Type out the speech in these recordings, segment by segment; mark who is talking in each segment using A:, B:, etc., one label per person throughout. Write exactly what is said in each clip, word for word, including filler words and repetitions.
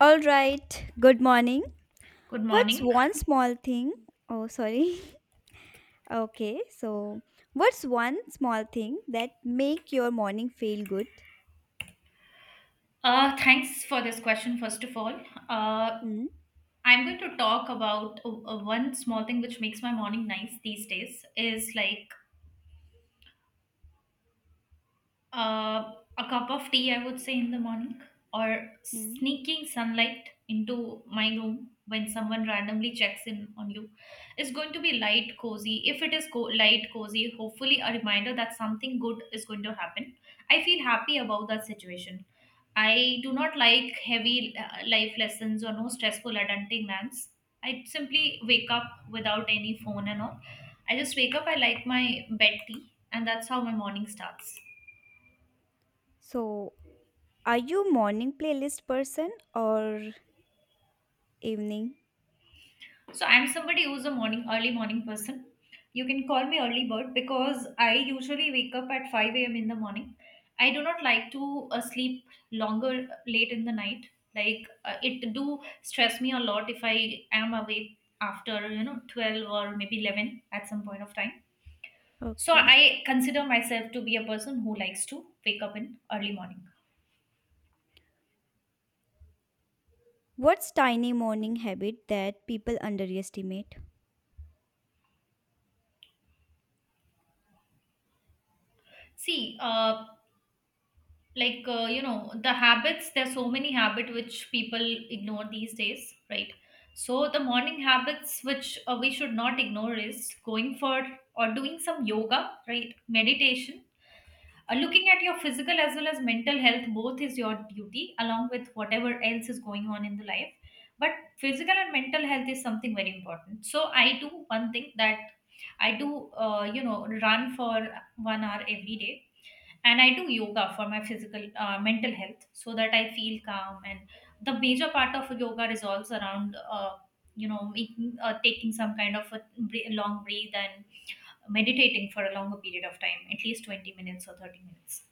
A: All right. Good morning.
B: Good
A: What's
B: morning.
A: one small thing? Oh, sorry. Okay. So, what's one small thing that make your morning feel good?
B: Uh, thanks for this question, first of all. Uh,
A: Mm-hmm.
B: I'm going to talk about uh, uh, one small thing which makes my morning nice these days is like Uh, a cup of tea, I would say, in the morning, or sneaking sunlight into my room when someone randomly checks in on you. It's going to be light, cozy. If it is co- light, cozy, hopefully a reminder that something good is going to happen. I feel happy about that situation. I do not like heavy uh, life lessons or no stressful adulting lands. I simply wake up without any phone and all. I just wake up, I like my bed tea, and that's how my morning starts.
A: So, are you morning playlist person or evening?
B: So I'm somebody who's a morning early morning person. You can call me early bird because I usually wake up at five a m in the morning. I do not like to uh, sleep longer uh, late in the night. Like uh, it do stress me a lot if I am awake after you know twelve or maybe eleven at some point of time. So
A: Okay.
B: I consider myself to be a person who likes to wake up in early morning.
A: What's tiny morning habit that people underestimate?
B: See, uh, like uh, you know, the habits, there's so many habit which people ignore these days, right? So the morning habits which uh, we should not ignore is going for or doing some yoga, right? Meditation, uh, looking at your physical as well as mental health, both is your duty along with whatever else is going on in the life. But physical and mental health is something very important, so I do one thing that I do, uh, you know, run for one hour every day, and I do yoga for my physical uh, mental health so that I feel calm. And the major part of yoga revolves around uh, you know making uh, taking some kind of a bre- long breathe and meditating for a longer period of time, at least twenty minutes or thirty minutes.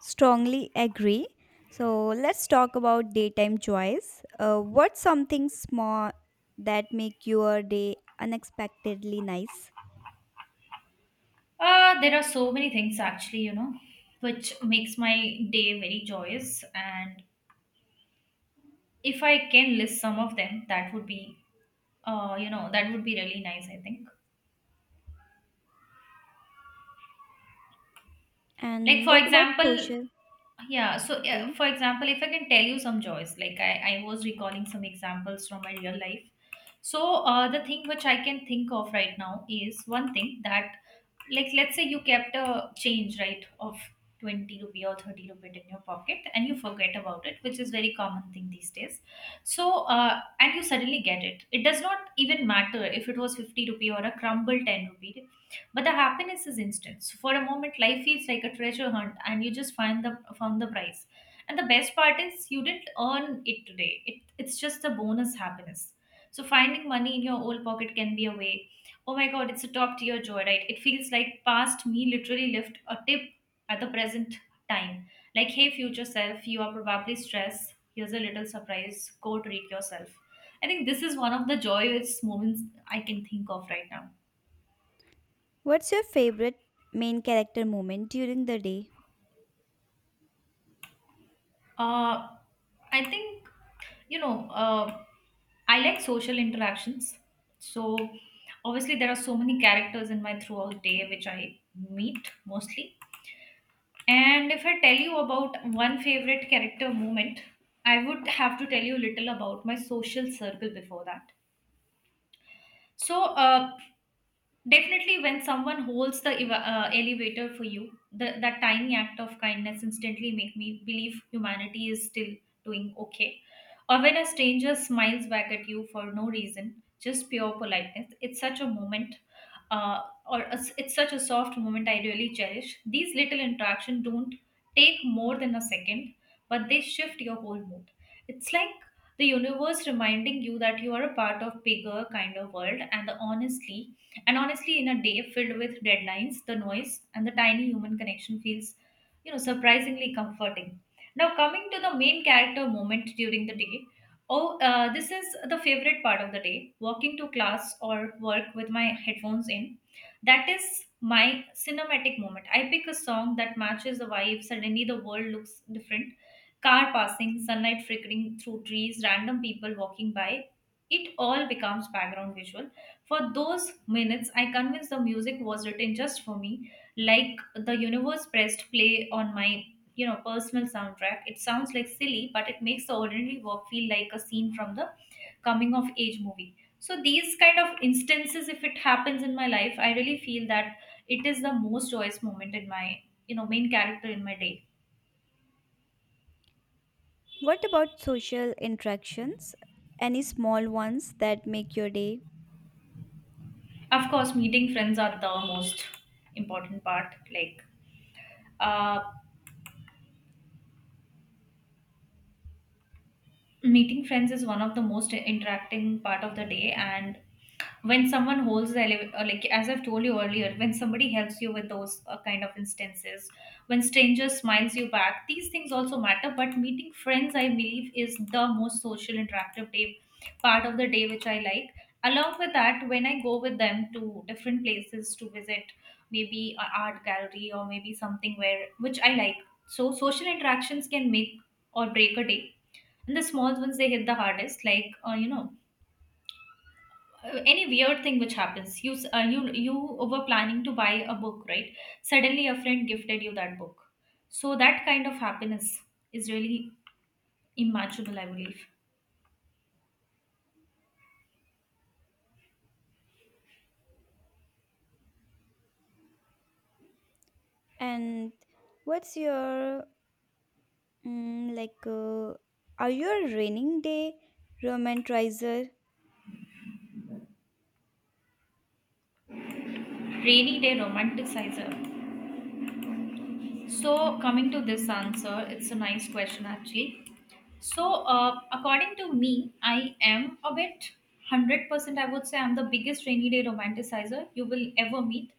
A: Strongly agree. So let's talk about daytime joys. Uh, what's something small that make your day unexpectedly nice?
B: uh, There are so many things actually, you know, which makes my day very joyous. And if I can list some of them, that would be, uh, you know, that would be really nice, I think. Like,
A: And
B: for
A: what about
B: example,
A: social?
B: yeah, so uh,
A: Okay.
B: for example, if I can tell you some joys, like I, I was recalling some examples from my real life. So uh, the thing which I can think of right now is one thing that, like, let's say you kept a change, right, of twenty rupee or thirty rupee in your pocket and you forget about it, which is very common thing these days. So uh, and you suddenly get it, it does not even matter if it was fifty rupee or a crumble ten rupee, but the happiness is instant. So for a moment life feels like a treasure hunt and you just find the found the prize. And the best part is you didn't earn it today, it, it's just the bonus happiness. So finding money in your old pocket can be a way. Oh my god, it's a top tier joy, right? It feels like past me literally left a tip at the present time. Like, hey, future self, you are probably stressed. Here's a little surprise. Go treat yourself. I think this is one of the joyous moments I can think of right now.
A: What's your favorite main character moment during the day?
B: Uh, I think, you know, uh, I like social interactions. So, obviously, there are so many characters in my throughout day which I meet mostly. And if I tell you about one favorite character moment, I would have to tell you a little about my social circle before that. So, uh, definitely, when someone holds the eva- uh, elevator for you, the, that tiny act of kindness instantly make me believe humanity is still doing okay. Or when a stranger smiles back at you for no reason, just pure politeness. It's such a moment, uh, or a s it's such a soft moment I really cherish. These little interactions don't take more than a second, but they shift your whole mood. It's like the universe reminding you that you are a part of bigger kind of world. And the honestly and honestly, in a day filled with deadlines, the noise and the tiny human connection feels, you know, surprisingly comforting. Now coming to the main character moment during the day. Oh, uh, this is the favorite part of the day, walking to class or work with my headphones in. That is my cinematic moment. I pick a song that matches the vibe, suddenly the world looks different. Car passing, sunlight flickering through trees, random people walking by. It all becomes background visual. For those minutes, I convinced the music was written just for me, like the universe pressed play on my, you know, personal soundtrack. It sounds like silly, but it makes the ordinary work feel like a scene from the coming of age movie. So these kind of instances, if it happens in my life, I really feel that it is the most joyous moment in my, you know, main character in my day.
A: What about social interactions? Any small ones that make your day?
B: Of course, meeting friends are the most important part. Like, uh, meeting friends is one of the most interacting part of the day. And when someone holds the ele- uh, like, as I've told you earlier, when somebody helps you with those uh, kind of instances, when strangers smiles you back, these things also matter. But meeting friends, I believe, is the most social interactive day part of the day, which I like. Along with that, when I go with them to different places to visit, maybe an art gallery or maybe something where which I like. So social interactions can make or break a day, and the small ones, they hit the hardest. Like, uh, you know uh, any weird thing which happens. You s- uh, you you were planning to buy a book, right? Suddenly a friend gifted you that book. So that kind of happiness is really imaginable, I believe.
A: And what's your mm, like? Uh, are you a raining day romantizer?
B: Rainy day romanticizer. So coming to this answer, it's a nice question actually. So, uh, according to me, I am a bit one hundred percent. I would say I'm the biggest rainy day romanticizer you will ever meet.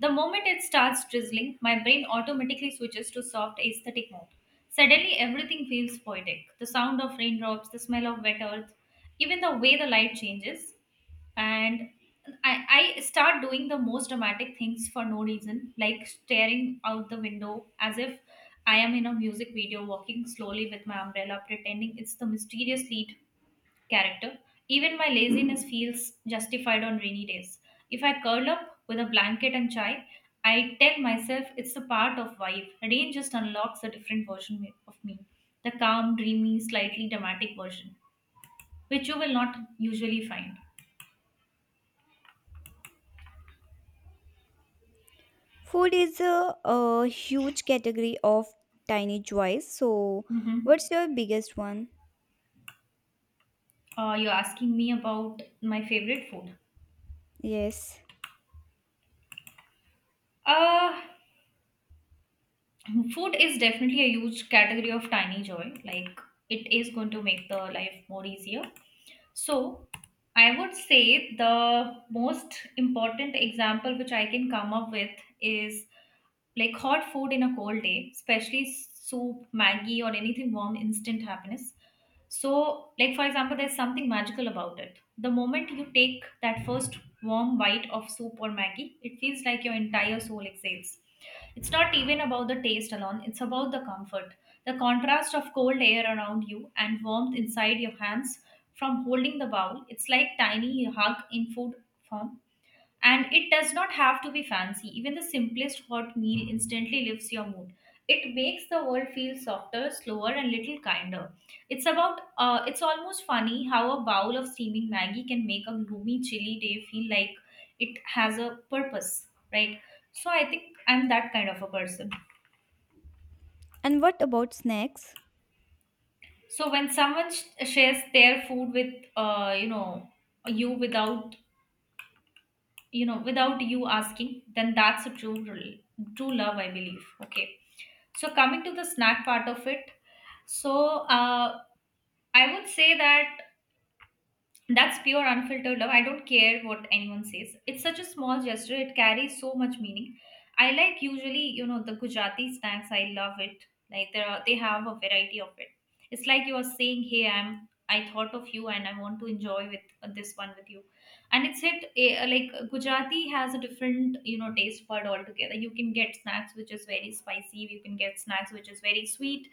B: The moment it starts drizzling, my brain automatically switches to soft aesthetic mode. Suddenly, everything feels poetic, the sound of raindrops, the smell of wet earth, even the way the light changes. And I, I start doing the most dramatic things for no reason, like staring out the window as if I am in a music video, walking slowly with my umbrella, pretending it's the mysterious lead character. Even my laziness feels justified on rainy days. If I curl up with a blanket and chai, I tell myself it's a part of vibe. Rain just unlocks a different version of me, the calm, dreamy, slightly dramatic version, which you will not usually find.
A: Food is a, a huge category of tiny joys. So,
B: Hmm.
A: what's your biggest one?
B: Uh, you're asking me about my favorite food.
A: Yes.
B: Uh, Food is definitely a huge category of tiny joy. Like, it is going to make the life more easier. So, I would say the most important example which I can come up with is, like, hot food in a cold day, especially soup, Maggie, or anything warm, instant happiness. So, like, for example, there's something magical about it. The moment you take that first warm bite of soup or Maggie, it feels like your entire soul exhales. It's not even about the taste alone, it's about the comfort. The contrast of cold air around you and warmth inside your hands from holding the bowl. It's like tiny hug in food form. And it does not have to be fancy. Even the simplest hot meal instantly lifts your mood. It makes the world feel softer, slower, and little kinder. It's about, uh, it's almost funny how a bowl of steaming Maggie can make a gloomy, chilly day feel like it has a purpose, right? So I think I'm that kind of a person.
A: And what about snacks?
B: So when someone sh- shares their food with, uh, you know, you without, you know, without you asking, then that's a true true love, I believe. Okay. So coming to the snack part of it. So, uh, I would say that that's pure unfiltered love. I don't care what anyone says. It's such a small gesture. It carries so much meaning. I like, usually, you know, the Gujarati snacks. I love it. Like, there are, they have a variety of it. It's like you are saying, "Hey, I'm. I thought of you, and I want to enjoy with, uh, this one with you." And it's hit eh, like Gujarati has a different, you know, taste bud altogether. You can get snacks which is very spicy. You can get snacks which is very sweet,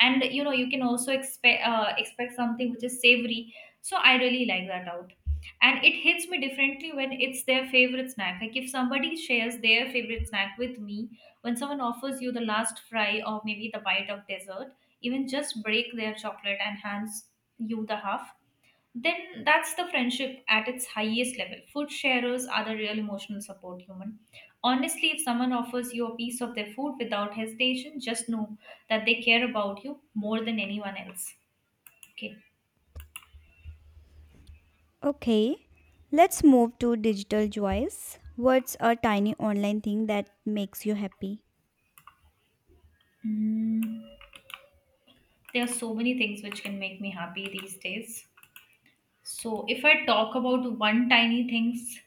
B: and you know, you can also expect uh, expect something which is savory, so I really like that out. And it hits me differently when it's their favorite snack. Like if somebody shares their favorite snack with me, when someone offers you the last fry or maybe the bite of dessert, even just break their chocolate and hands you the half, then that's the friendship at its highest level. Food sharers are the real emotional support human. Honestly, if someone offers you a piece of their food without hesitation, just know that they care about you more than anyone else. Okay.
A: Okay. Let's move to digital joys. What's a tiny online thing that makes you happy?
B: Mm, there are so many things which can make me happy these days. So, if I talk about one tiny things,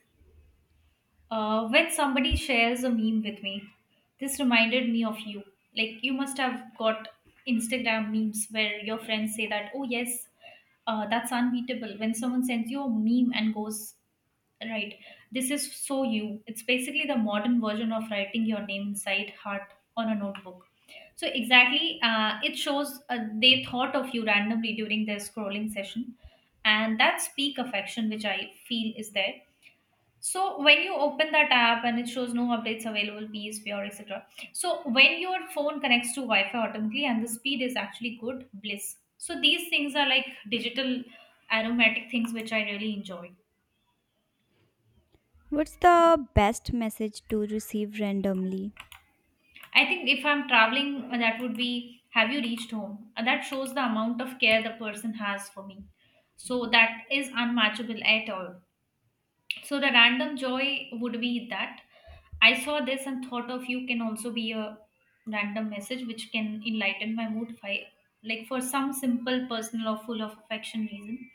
B: uh, when somebody shares a meme with me, this reminded me of you. Like you must have got Instagram memes where your friends say that, "Oh yes, uh, that's unbeatable." When someone sends you a meme and goes, "Right. This is So You." It's basically the modern version of writing your name inside heart on a notebook. So exactly, uh, it shows uh, they thought of you randomly during their scrolling session, and that's peak affection, which I feel is there. So when you open that app and it shows no updates available, peace, P S V R, et cetera. So when your phone connects to Wi-Fi automatically and the speed is actually good, bliss. So these things are like digital aromatic things which I really enjoy.
A: What's the best message to receive randomly?
B: I think if I'm traveling, uh, that would be, have you reached home? Uh, That shows the amount of care the person has for me. So that is unmatchable at all. So the random joy would be that I saw this and thought of you, can also be a random message which can enlighten my mood if I like, for some simple personal or full of affection reason.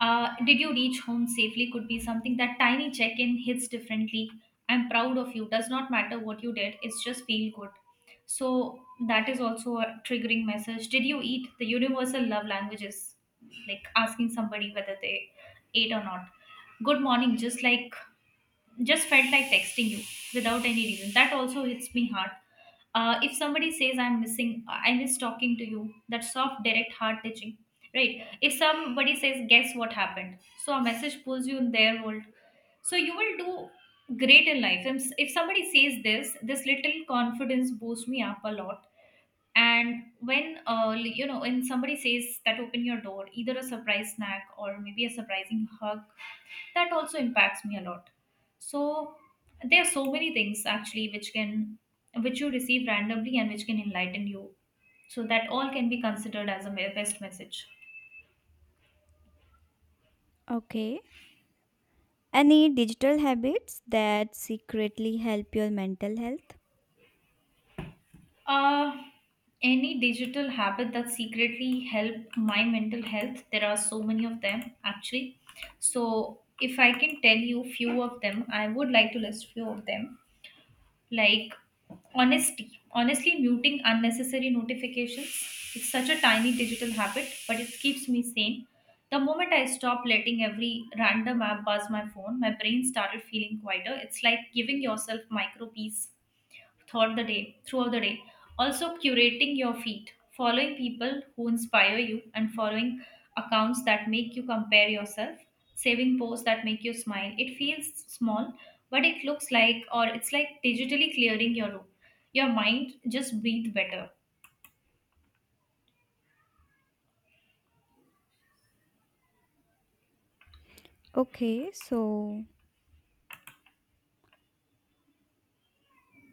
B: Uh, did you reach home safely? Could be something. That tiny check in hits differently. I'm proud of you. Does not matter what you did, it's just feel good. So, that is also a triggering message. Did you eat? The universal love language is like asking somebody whether they ate or not. Good morning, just like just felt like texting you without any reason, that also hits me hard. Uh, if somebody says I'm missing, I miss talking to you, that soft, direct, heart touching. Right. If somebody says guess what happened, so a message pulls you in their world. So you will do great in life, and s- if somebody says this this little confidence boosts me up a lot. And when uh, you know when somebody says that open your door, either a surprise snack or maybe a surprising hug, that also impacts me a lot. So there are so many things actually which can, which you receive randomly and which can enlighten you, so that all can be considered as a me- best message.
A: Okay. Any digital habits that secretly help your mental health?
B: Uh, any digital habit that secretly help my mental health. There are so many of them actually. So if I can tell you few of them, I would like to list few of them. Like honesty. Honestly, muting unnecessary notifications. It's such a tiny digital habit, but it keeps me sane. The moment I stopped letting every random app buzz my phone, my brain started feeling quieter. It's like giving yourself micro peace throughout the day, throughout the day also curating your feed, following people who inspire you and following accounts that make you compare yourself, saving posts that make you smile. It feels small, but it looks like, or it's like digitally clearing your room. Your mind just breathe better.
A: Okay, so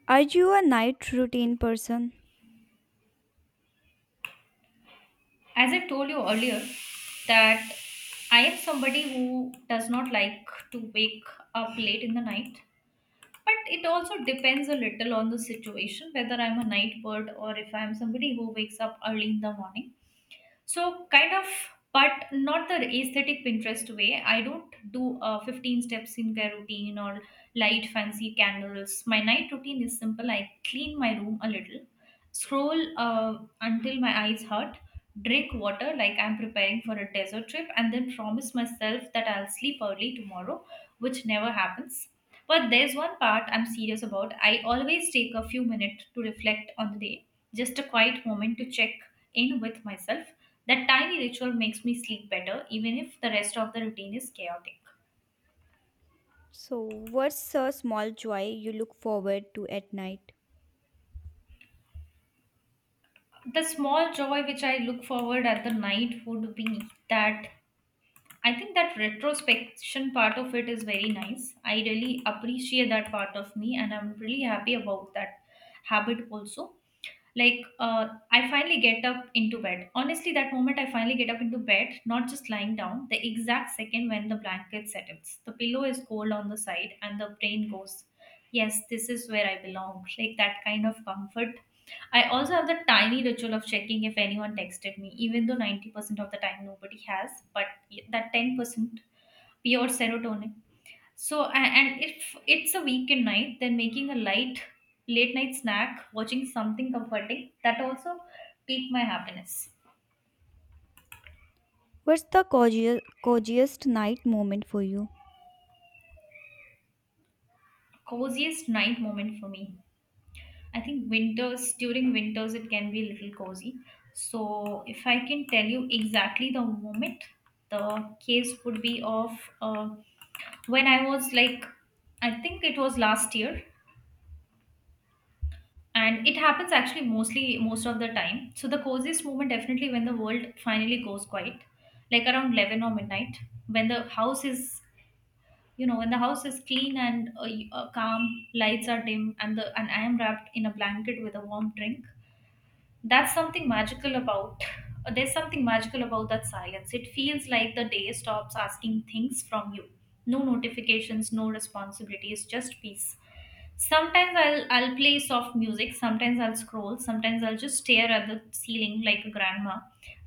A: are you a night routine person?
B: As I told you earlier, that I am somebody who does not like to wake up late in the night, but it also depends a little on the situation whether I'm a night bird or if I'm somebody who wakes up early in the morning. So kind of, but not the aesthetic Pinterest way. I don't do a fifteen step skincare routine or light fancy candles. My night routine is simple. I clean my room a little, scroll uh, until my eyes hurt, drink water like I'm preparing for a desert trip, and then promise myself that I'll sleep early tomorrow, which never happens. But there's one part I'm serious about. I always take a few minutes to reflect on the day, just a quiet moment to check in with myself. That tiny ritual makes me sleep better, even if the rest of the routine is chaotic.
A: So, what's a small joy you look forward to at night?
B: The small joy which I look forward at the night would be that, I think that retrospection part of it is very nice. I really appreciate that part of me, and I'm really happy about that habit also. Like uh, I finally get up into bed, honestly, that moment I finally get up into bed, not just lying down, the exact second when the blanket settles, the pillow is cold on the side, and the brain goes, yes, this is where I belong, like that kind of comfort. I also have the tiny ritual of checking if anyone texted me, even though ninety percent of the time nobody has, but that ten percent, pure serotonin. So, a- and if it's a weekend night, then making a light late night snack, watching something comforting, that also pique my happiness.
A: What's the coziest, coziest night moment for you?
B: Coziest night moment for me. I think winters, during winters, it can be a little cozy. So, if I can tell you exactly the moment, the case would be of, uh, when I was like, I think it was last year, and it happens actually mostly most of the time. So the coziest moment, definitely when the world finally goes quiet, like around eleven or midnight, when the house is, you know when the house is clean and uh, y- uh, calm, lights are dim, and the and I am wrapped in a blanket with a warm drink. That's something magical about, uh, there's something magical about that silence. It feels like the day stops asking things from you. No notifications, no responsibilities, just peace. Sometimes I'll, i'll play soft music, sometimes I'll scroll, sometimes I'll just stare at the ceiling like a grandma.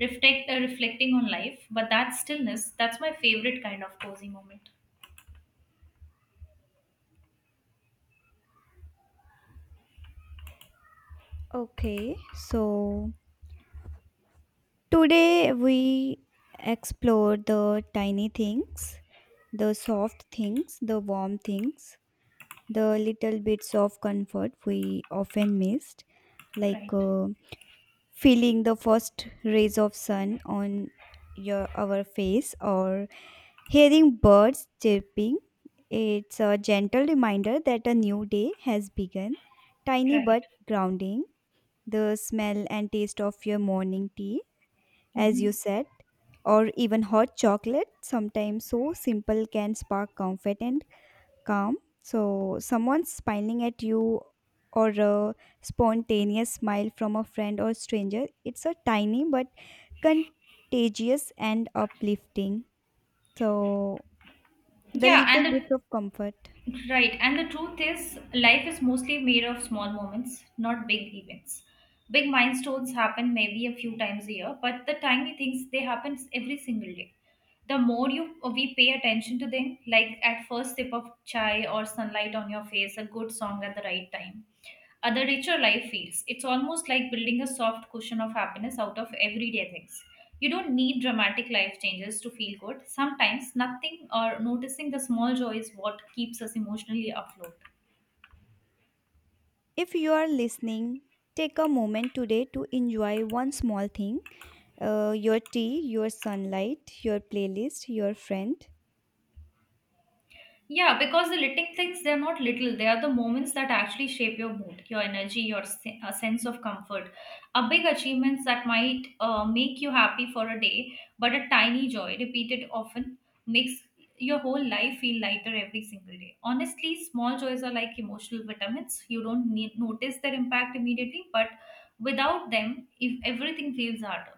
B: reflect uh, Reflecting on life, but that stillness, that's my favorite kind of cozy moment.
A: Okay, so today we explored the tiny things, the soft things, the warm things, the little bits of comfort we often missed, like
B: Right.
A: uh, feeling the first rays of sun on your our face or hearing birds chirping. It's a gentle reminder that a new day has begun. Tiny
B: Right.
A: but grounding, the smell and taste of your morning tea, as
B: Hmm.
A: you said, or even hot chocolate, sometimes so simple, can spark comfort and calm. So, someone smiling at you or a spontaneous smile from a friend or stranger, it's a tiny but contagious and uplifting. So, the
B: Yeah,
A: little
B: and
A: bits
B: it
A: of comfort.
B: right, and the truth is, life is mostly made of small moments, not big events. Big milestones happen maybe a few times a year, but the tiny things, they happen every single day. The more you we pay attention to them, like at first sip of chai or sunlight on your face, a good song at the right time, other richer life feels. It's almost like building a soft cushion of happiness out of everyday things. You don't need dramatic life changes to feel good. Sometimes nothing or noticing the small joy is what keeps us emotionally afloat.
A: If you are listening, take a moment today to enjoy one small thing, uh, your tea, your sunlight, your playlist, your friend.
B: Yeah, because the little things, they're not little. They are the moments that actually shape your mood, your energy, your se- uh, sense of comfort. A big achievements that might uh, make you happy for a day, but a tiny joy repeated often makes your whole life feel lighter every single day. Honestly, small joys are like emotional vitamins. You don't need, notice their impact immediately, but without them, if everything feels harder.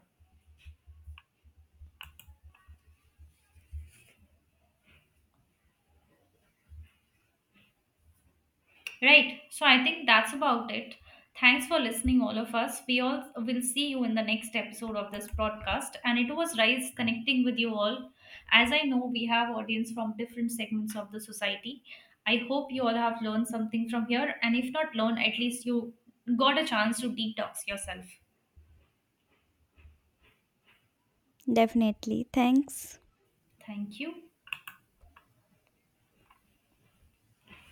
B: Right. So I think that's about it. Thanks for listening, all of us. We all will see you in the next episode of this broadcast. And it was nice connecting with you all. As I know, we have audience from different segments of the society. I hope you all have learned something from here. And if not learned, at least you got a chance to detox yourself.
A: Definitely. Thanks.
B: Thank you.